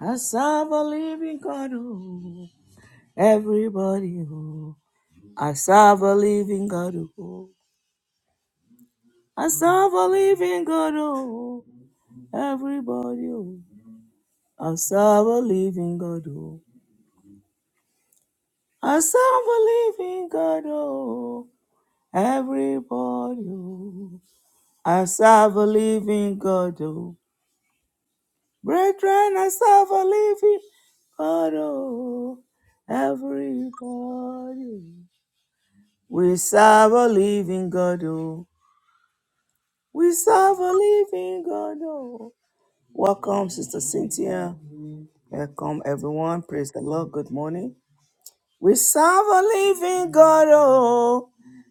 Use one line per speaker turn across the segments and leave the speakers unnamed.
I serve a living God, oh, everybody, oh. I serve a living God, oh. I serve a living God, oh, everybody, oh. I serve a living God, oh. I serve a living God, oh, everybody, oh. I serve a living God, oh. Brethren, I serve a living God, oh, everybody. We serve a living God, oh. We serve a living God, oh. Welcome, Sister Cynthia. Welcome, everyone. Praise the Lord. Good morning. We serve a living God, oh.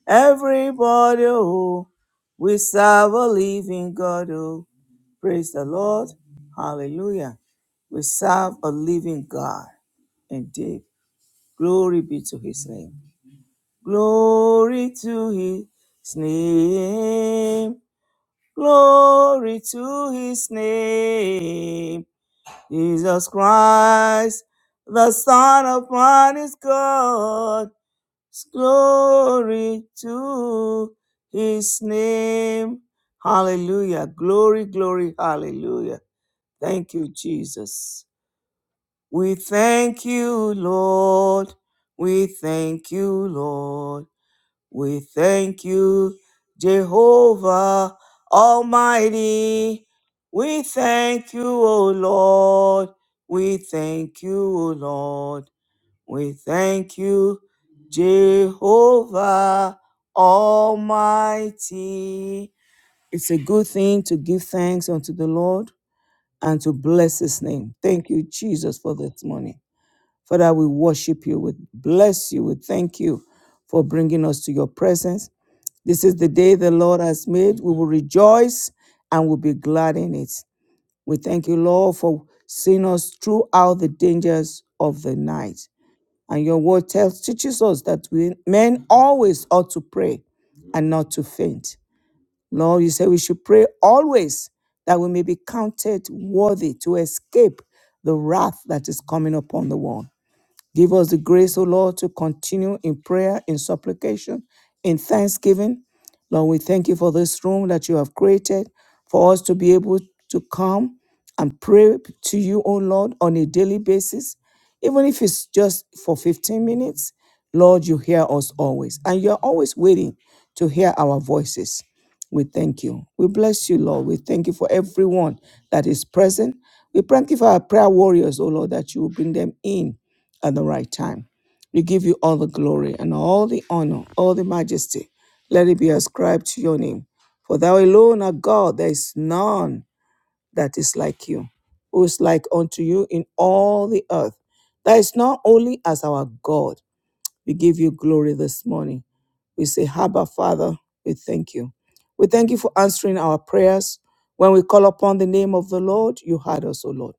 Everybody, oh. We serve a living God, oh. Praise the Lord. Hallelujah. We serve a living God indeed. Glory be to his name. Glory to his name. Glory to his name. Jesus Christ, the Son of Man is God. Glory to his name. Hallelujah. Glory, glory, hallelujah. Thank you, Jesus. We thank you, Lord. We thank you, Lord. We thank you, Jehovah Almighty. We thank you, O Lord. We thank you, O Lord. We thank you, Jehovah Almighty. It's a good thing to give thanks unto the Lord and to bless his name. Thank you, Jesus, for this morning. Father, we worship you, we bless you, we thank you for bringing us to your presence. This is the day the Lord has made. We will rejoice and we'll be glad in it. We thank you, Lord, for seeing us throughout the dangers of the night. And your word tells teaches us that we men always ought to pray and not to faint. Lord, you say we should pray always that we may be counted worthy to escape the wrath that is coming upon the world. Give us the grace, O Lord, to continue in prayer, in supplication, in thanksgiving. Lord, we thank you for this room that you have created for us to be able to come and pray to you, O Lord, on a daily basis. Even if it's just for 15 minutes, Lord, you hear us always. And you're always waiting to hear our voices. We thank you. We bless you, Lord. We thank you for everyone that is present. We thank you for our prayer warriors, O Lord, that you will bring them in at the right time. We give you all the glory and all the honor, all the majesty. Let it be ascribed to your name. For thou alone art God, there is none that is like you, who is like unto you in all the earth. That is not only as our God. We give you glory this morning. We say, Haba, Father, we thank you. We thank you for answering our prayers. When we call upon the name of the Lord, you heard us, O Lord,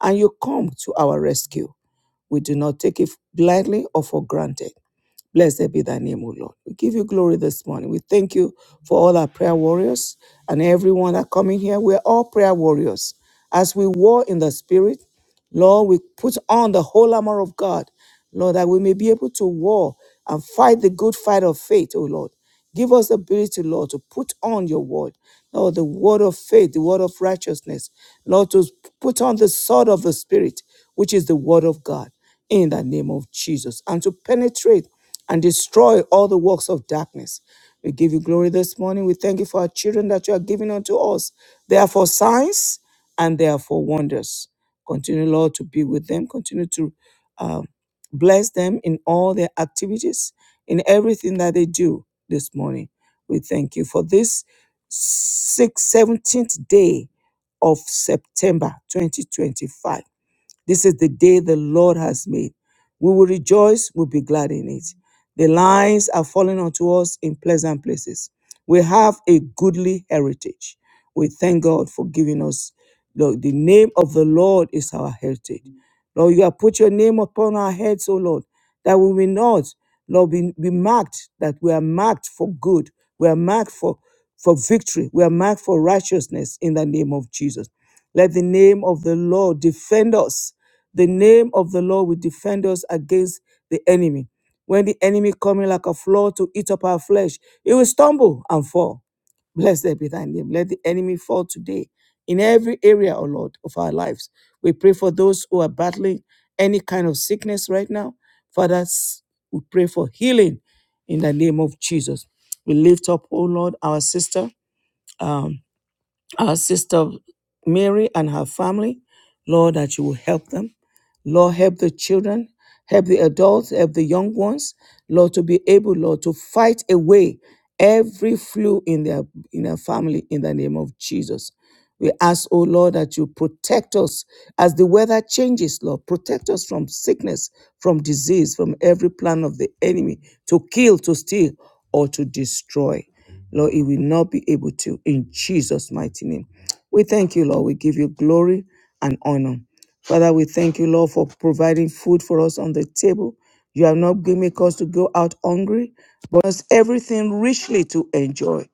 and you come to our rescue. We do not take it blindly or for granted. Blessed be thy name, O Lord. We give you glory this morning. We thank you for all our prayer warriors and everyone that coming here. We're all prayer warriors. As we war in the spirit, Lord, we put on the whole armor of God, Lord, that we may be able to war and fight the good fight of faith, O Lord. Give us the ability, Lord, to put on your word, Lord, the word of faith, the word of righteousness, Lord, to put on the sword of the Spirit, which is the word of God, in the name of Jesus, and to penetrate and destroy all the works of darkness. We give you glory this morning. We thank you for our children that you are giving unto us. They are for signs and they are for wonders. Continue, Lord, to be with them. Continue to um. Bless them in all their activities, in everything that they do this morning. We thank you for this sixth, 17th day of September 2025. This is the day the Lord has made. We will rejoice, we'll be glad in it. The lines are falling onto us in pleasant places. We have a goodly heritage. We thank God for giving us. Lord, the name of the Lord is our heritage. Lord, you have put your name upon our heads, O Lord, that we will not, Lord, be, be marked, that we are marked for good. We are marked for, for victory. We are marked for righteousness in the name of Jesus. Let the name of the Lord defend us the name of the Lord will defend us against the enemy. When the enemy coming like a flood to eat up our flesh, he will stumble and fall. Blessed be thy name. Let the enemy fall today in every area, O Lord, of our lives. We pray for those who are battling any kind of sickness right now. Father, s- we pray for healing in the name of Jesus. We lift up, O Lord, our sister, um, our sister Mary and her family. Lord, that you will help them. Lord, help the children, help the adults, help the young ones, Lord, to be able, Lord, to fight away every flu in their in their family in the name of Jesus. We ask, oh Lord, that you protect us as the weather changes, Lord. Protect us from sickness, from disease, from every plan of the enemy to kill, to steal, or to destroy. Lord, it will not be able to in Jesus' mighty name. We thank you, Lord. We give you glory and honor. Father, we thank you, Lord, for providing food for us on the table. You have not given make us to go out hungry, but us everything richly to enjoy.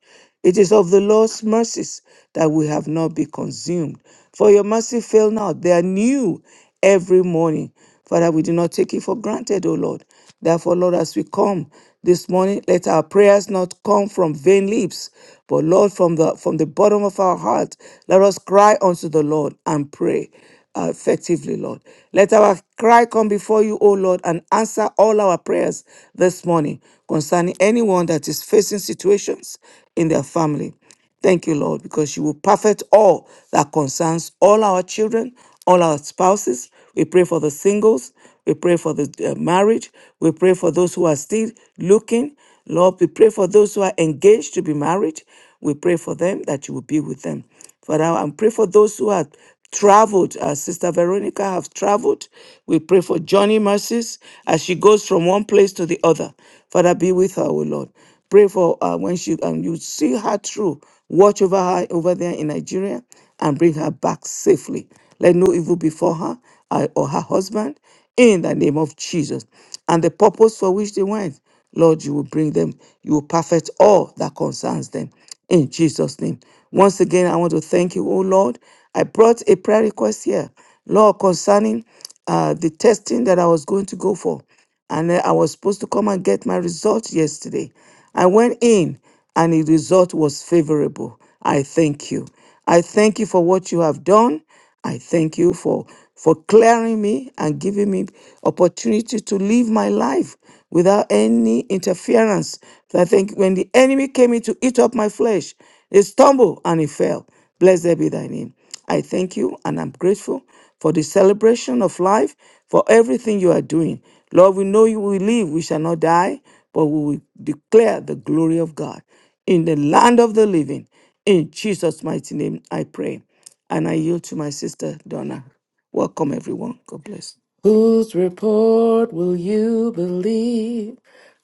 It is of the Lord's mercies that we have not been consumed. For your mercy fail not. They are new every morning. Father, we do not take it for granted, O Lord. Therefore, Lord, as we come this morning, let our prayers not come from vain lips, but Lord, from the from the bottom of our heart, let us cry unto the Lord and pray uh, effectively, Lord. Let our cry come before you, O Lord, and answer all our prayers this morning concerning anyone that is facing situations in their family. Thank you, Lord, because you will perfect all that concerns all our children, all our spouses. We pray for the singles. We pray for the uh, marriage. We pray for those who are still looking. Lord, we pray for those who are engaged to be married. We pray for them that you will be with them. Father, and pray for those who have traveled, as Sister Veronica have traveled. We pray for Johnny mercies as she goes from one place to the other. Father, be with her, O Lord. Pray for uh, when she um, you see her through. Watch over her over there in Nigeria and bring her back safely. Let no evil befall her uh, or her husband in the name of Jesus. And the purpose for which they went, Lord, you will bring them. You will perfect all that concerns them in Jesus' name. Once again, I want to thank you, oh Lord. I brought a prayer request here, Lord, concerning uh, the testing that I was going to go for and then I was supposed to come and get my result yesterday. I went in and the result was favorable. I thank you. I thank you for what you have done. I thank you for for clearing me and giving me opportunity to live my life without any interference. So I think when the enemy came in to eat up my flesh, it stumbled and it fell. Blessed be thy name. I thank you and I'm grateful for the celebration of life, for everything you are doing. Lord, we know you will live, we shall not die, but we will declare the glory of God in the land of the living. In Jesus' mighty name, I pray. And I yield to my sister, Donna. Welcome, everyone. God bless.
Whose report will you believe?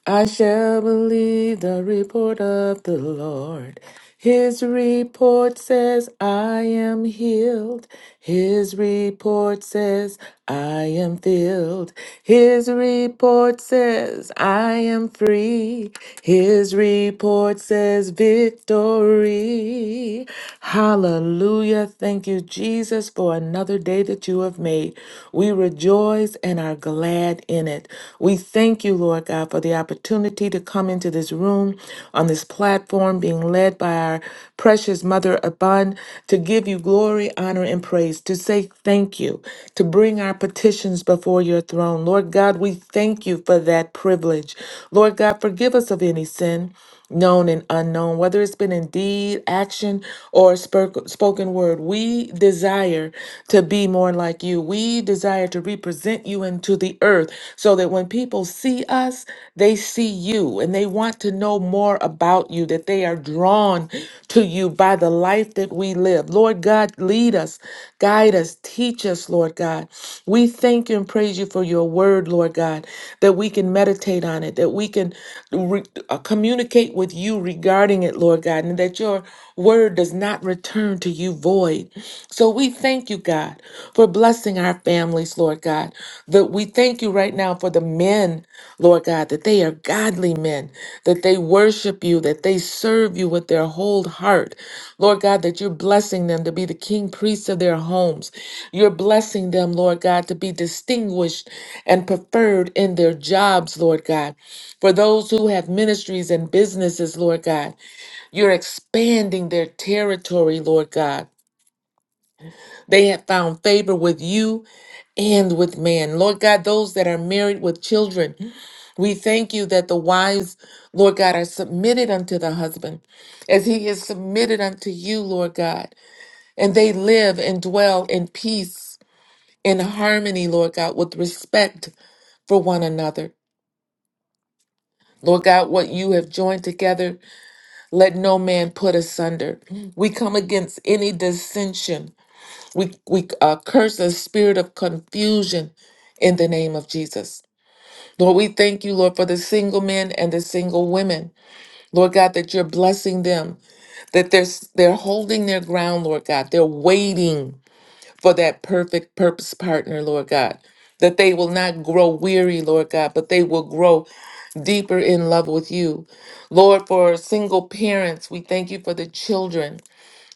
I shall believe the report of the Lord. His report says, I am healed. His report says, I am filled. His report says, I am free. His report says, victory. Hallelujah. Thank you, Jesus, for another day that you have made. We rejoice and are glad in it. We thank you, Lord. Lord God, for the opportunity to come into this room on this platform, being led by our precious Mother Abun, to give you glory, honor, and praise, to say thank you, to bring our petitions before your throne. Lord God, we thank you for that privilege. Lord God, forgive us of any sin known and unknown, whether it's been in deed, action, or spurk- spoken word. We desire to be more like you. We desire to represent you into the earth so that when people see us, they see you and they want to know more about you, that they are drawn to you by the life that we live. Lord God, lead us. Guide us, teach us, Lord God. We thank you and praise you for your word, Lord God, that we can meditate on it, that we can re- uh, communicate with you regarding it, Lord God, and that your word does not return to you void. So we thank you, God, for blessing our families, Lord God. That we thank you right now for the men, Lord God, that they are godly men, that they worship you, that they serve you with their whole heart. Lord God, that you're blessing them to be the king priests of their homes. You're blessing them, Lord God, to be distinguished and preferred in their jobs, Lord God. For those who have ministries and businesses, Lord God, you're expanding their territory, Lord God. They have found favor with you and with man. Lord God, those that are married with children, we thank you that the wives, Lord God, are submitted unto the husband as he is submitted unto you, Lord God. And they live and dwell in peace, in harmony, Lord God, with respect for one another. Lord God, what you have joined together, let no man put asunder. We come against any dissension We, we uh, curse the spirit of confusion in the name of Jesus. Lord, we thank you, Lord, for the single men and the single women. Lord God, that you're blessing them, that they're, s- they're holding their ground, Lord God. They're waiting for that perfect purpose partner, Lord God. That they will not grow weary, Lord God, but they will grow deeper in love with you. Lord, for single parents, we thank you for the children.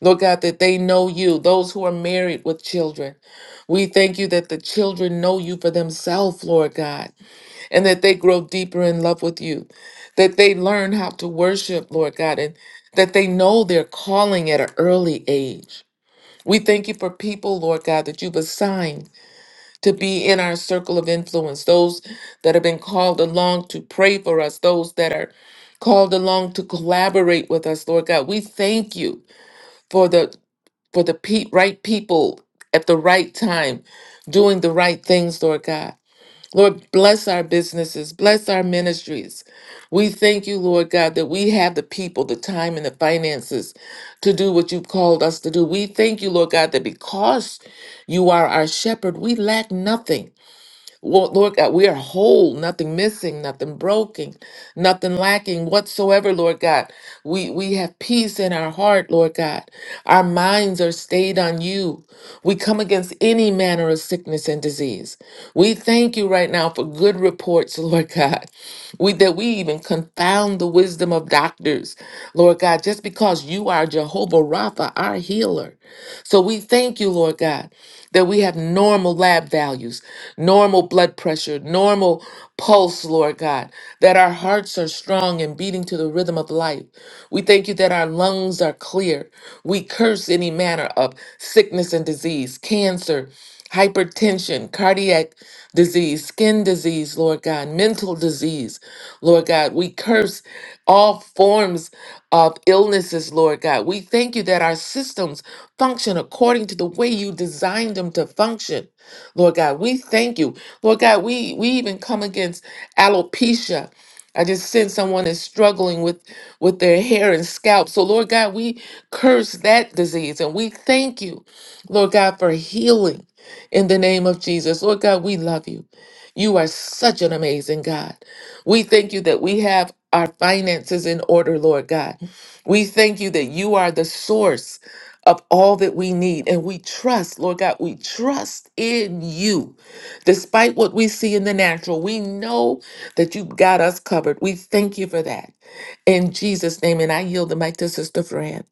Lord God, that they know you, those who are married with children. We thank you that the children know you for themselves, Lord God, and that they grow deeper in love with you, that they learn how to worship, Lord God, and that they know their calling at an early age. We thank you for people, Lord God, that you've assigned to be in our circle of influence, those that have been called along to pray for us, those that are called along to collaborate with us, Lord God. We thank you for the for the pe- right people at the right time, doing the right things, Lord God. Lord, bless our businesses, bless our ministries. We thank you, Lord God, that we have the people, the time, and the finances to do what you've called us to do. We thank you, Lord God, that because you are our shepherd, we lack nothing. Lord, Lord God, we are whole, nothing missing, nothing broken, nothing lacking whatsoever, Lord God. We we have peace in our heart, Lord God. Our minds are stayed on you. We come against any manner of sickness and disease. We thank you right now for good reports, Lord God. We that we even confound the wisdom of doctors, Lord God, just because you are Jehovah Rapha, our healer. So we thank you, Lord God, that we have normal lab values, normal blood pressure, normal pulse, Lord God, that our hearts are strong and beating to the rhythm of life. We thank you that our lungs are clear. We curse any manner of sickness and disease, cancer, hypertension, cardiac disease, skin disease, Lord God, mental disease, Lord God. We curse all forms of illnesses, Lord God. We thank you that our systems function according to the way you designed them to function. Lord God, we thank you. Lord God, we, we even come against alopecia. I just sense someone is struggling with, with their hair and scalp. So, Lord God, we curse that disease and we thank you, Lord God, for healing in the name of Jesus. Lord God, we love you. You are such an amazing God. We thank you that we have our finances in order, Lord God. We thank you that you are the source of all that we need. And we trust, Lord God, we trust in you. Despite what we see in the natural, we know that you got us covered. We thank you for that. In Jesus' name, and I yield the mic to Sister Fran.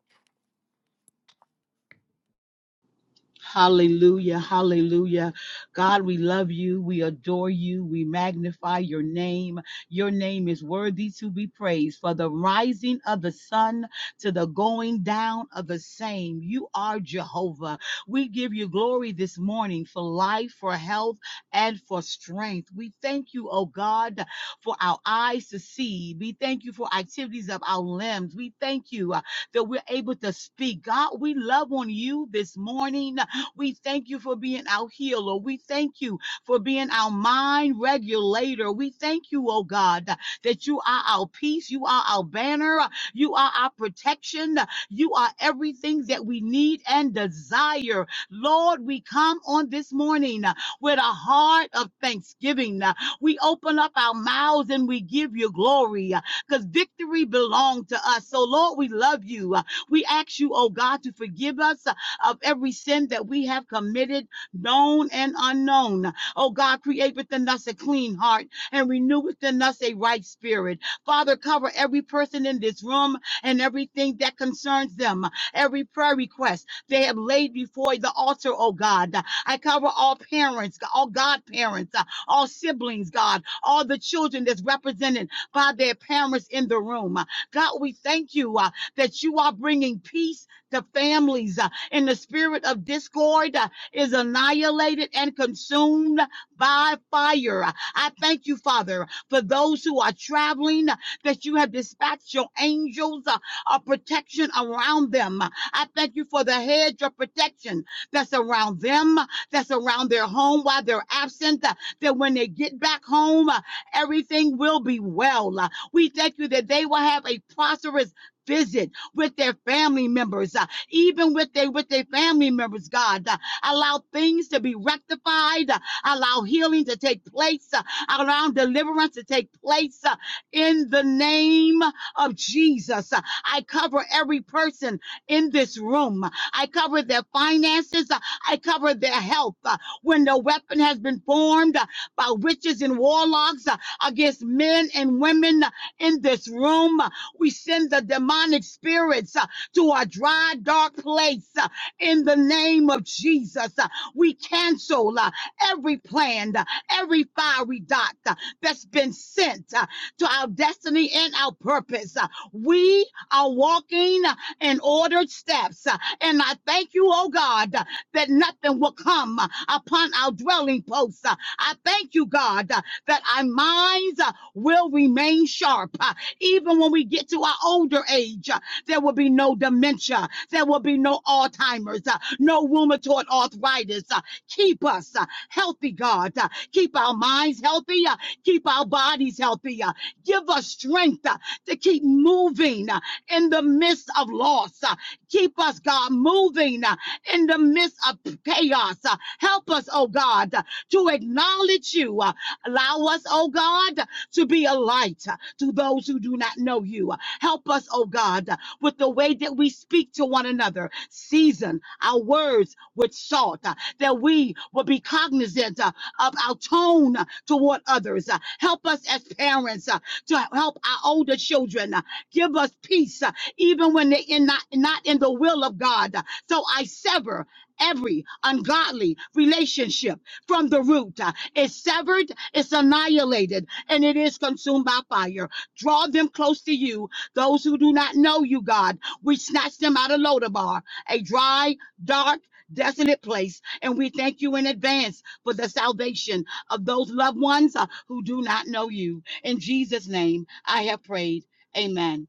Hallelujah, hallelujah. God, we love you. We adore you. We magnify your name. Your name is worthy to be praised. For the rising of the sun to the going down of the same, you are Jehovah. We give you glory this morning for life, for health, and for strength. We thank you, oh God, for our eyes to see. We thank you for activities of our limbs. We thank you uh, that we're able to speak. God, we love on you this morning we thank you for being our healer. We thank you for being our mind regulator. We thank you, oh God, that you are our peace. You are our banner. You are our protection. You are everything that we need and desire. Lord, we come on this morning with a heart of thanksgiving. We open up our mouths and we give you glory because victory belongs to us. So, Lord, we love you. We ask you, oh God, to forgive us of every sin that we have committed, known and unknown. Oh God, create within us a clean heart and renew within us a right spirit. Father, cover every person in this room and everything that concerns them, every prayer request they have laid before the altar, oh God. I cover all parents, all godparents, uh, all siblings, God, all the children that's represented by their parents in the room. God, we thank you uh, that you are bringing peace to families. Uh, and the spirit of discord uh, is annihilated and consumed by fire. I thank you, Father, for those who are traveling, uh, that you have dispatched your angels uh, of protection around them. I thank you for the hedge of protection that's around them, that's around their home while they're absent, uh, that when they get back home, uh, everything will be well. Uh, We thank you that they will have a prosperous visit with their family members even with their with their family members, God. Uh, allow things to be rectified, uh, allow healing to take place, uh, allow deliverance to take place uh, in the name of Jesus. Uh, I cover every person in this room. I cover their finances. Uh, I cover their health. Uh, when the weapon has been formed uh, by witches and warlocks uh, against men and women uh, in this room, uh, we send the demonic spirits. uh, to a dry, dark place uh, in the name of Jesus. Uh, We cancel uh, every plan, uh, every fiery dot uh, that's been sent uh, to our destiny and our purpose. Uh, We are walking uh, in ordered steps. uh, And I thank you, oh God, uh, that nothing will come uh, upon our dwelling posts. Uh, I thank you, God, uh, that our minds uh, will remain sharp, uh, even when we get to our older age. Uh, there will be no dementia. There will be no Alzheimer's, uh, no rheumatoid arthritis. uh, Keep us uh, healthy, God. uh, Keep our minds healthy. uh, Keep our bodies healthy. uh, Give us strength uh, to keep moving uh, in the midst of loss. uh, Keep us, God, moving uh, in the midst of chaos. uh, Help us, oh God, uh, to acknowledge you. uh, Allow us, oh God, to be a light uh, to those who do not know you. Uh, Help us, oh God, uh, with the way that we speak to one another. Season our words with salt, uh, that we will be cognizant uh, of our tone uh, toward others. Uh, help us as parents uh, to help our older children. uh, give us peace, uh, even when they're in not, not in the will of God. Uh, So I sever every ungodly relationship from the root. Uh, It's severed, it's annihilated, and it is consumed by fire. Draw them close to you those who do not know you, God, we snatch them out of Lodabar, a dry, dark, desolate place. And we thank you in advance for the salvation of those loved ones uh, who do not know you. In Jesus' name, I have prayed. Amen.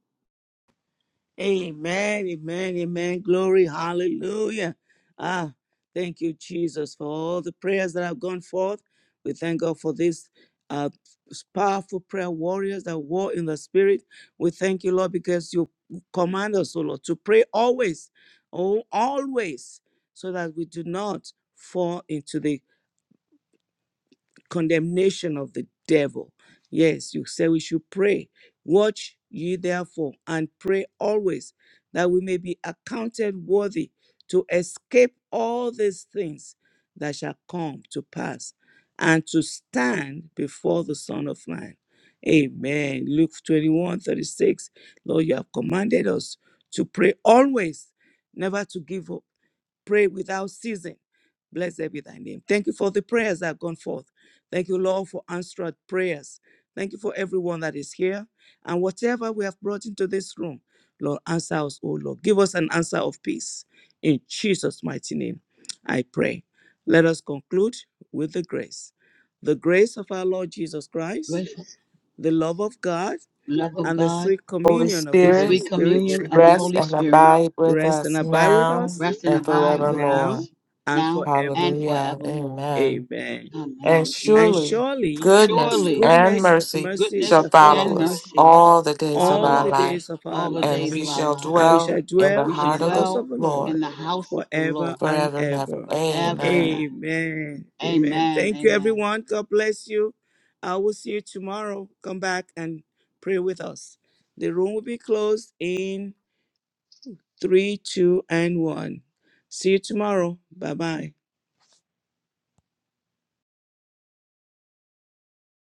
Amen, amen, amen. Glory, hallelujah. Ah, thank you, Jesus, for all the prayers that have gone forth. We thank God for these uh, powerful prayer warriors that war in the spirit. We thank you, Lord, because you command us, O Lord, to pray always, oh, always, so that we do not fall into the condemnation of the devil. Yes, you say we should pray. Watch ye therefore and pray always that we may be accounted worthy to escape all these things that shall come to pass and to stand before the Son of Man. Amen. Luke 21 36. Lord, you have commanded us to pray always, never to give up pray without ceasing. Blessed be thy name. Thank you for the prayers that have gone forth. Thank you, Lord, for answered prayers. Thank you for everyone that is here. And whatever we have brought into this room, Lord, answer us, O Lord. Give us an answer of peace. In Jesus' mighty name, I pray. Let us conclude with the grace. The grace of our Lord Jesus Christ,
Grace,
the love of God,
love of
and the
God,
sweet
Holy
communion of the
and the
Holy
Spirit,
sweet
Spirit
communion of the
rest
Holy
and
Spirit
abide with
rest and
us
abide with
now
us
rest and
and
abide with
now
forevermore.
us
and
now and
forevermore.
Hallelujah.
forevermore.
Amen.
Amen.
And
Amen,
And
Jesus.
surely
surely
goodness
Surely
and
goodness and
mercy
mercy
shall
shall
goodness
follow
and
follow
us
us
mercy
all the days of
follow
all
our
the
us
life,
days of our
all the
and
days
lives,
we
of our
shall
and
lives.
we
dwell
shall
in the
dwell
We
in
should
the
heart of the
house of
dwell
the Lord
Lord
in the house of the
forever
Lord
and
forever and ever.
ever.
forever and ever.
Amen.
Amen. Amen.
Amen.
Thank you,
Amen.
everyone. God bless you. I will see you tomorrow. Come back and pray with us. The room will be closed in three, two, and one. See you tomorrow. Bye bye.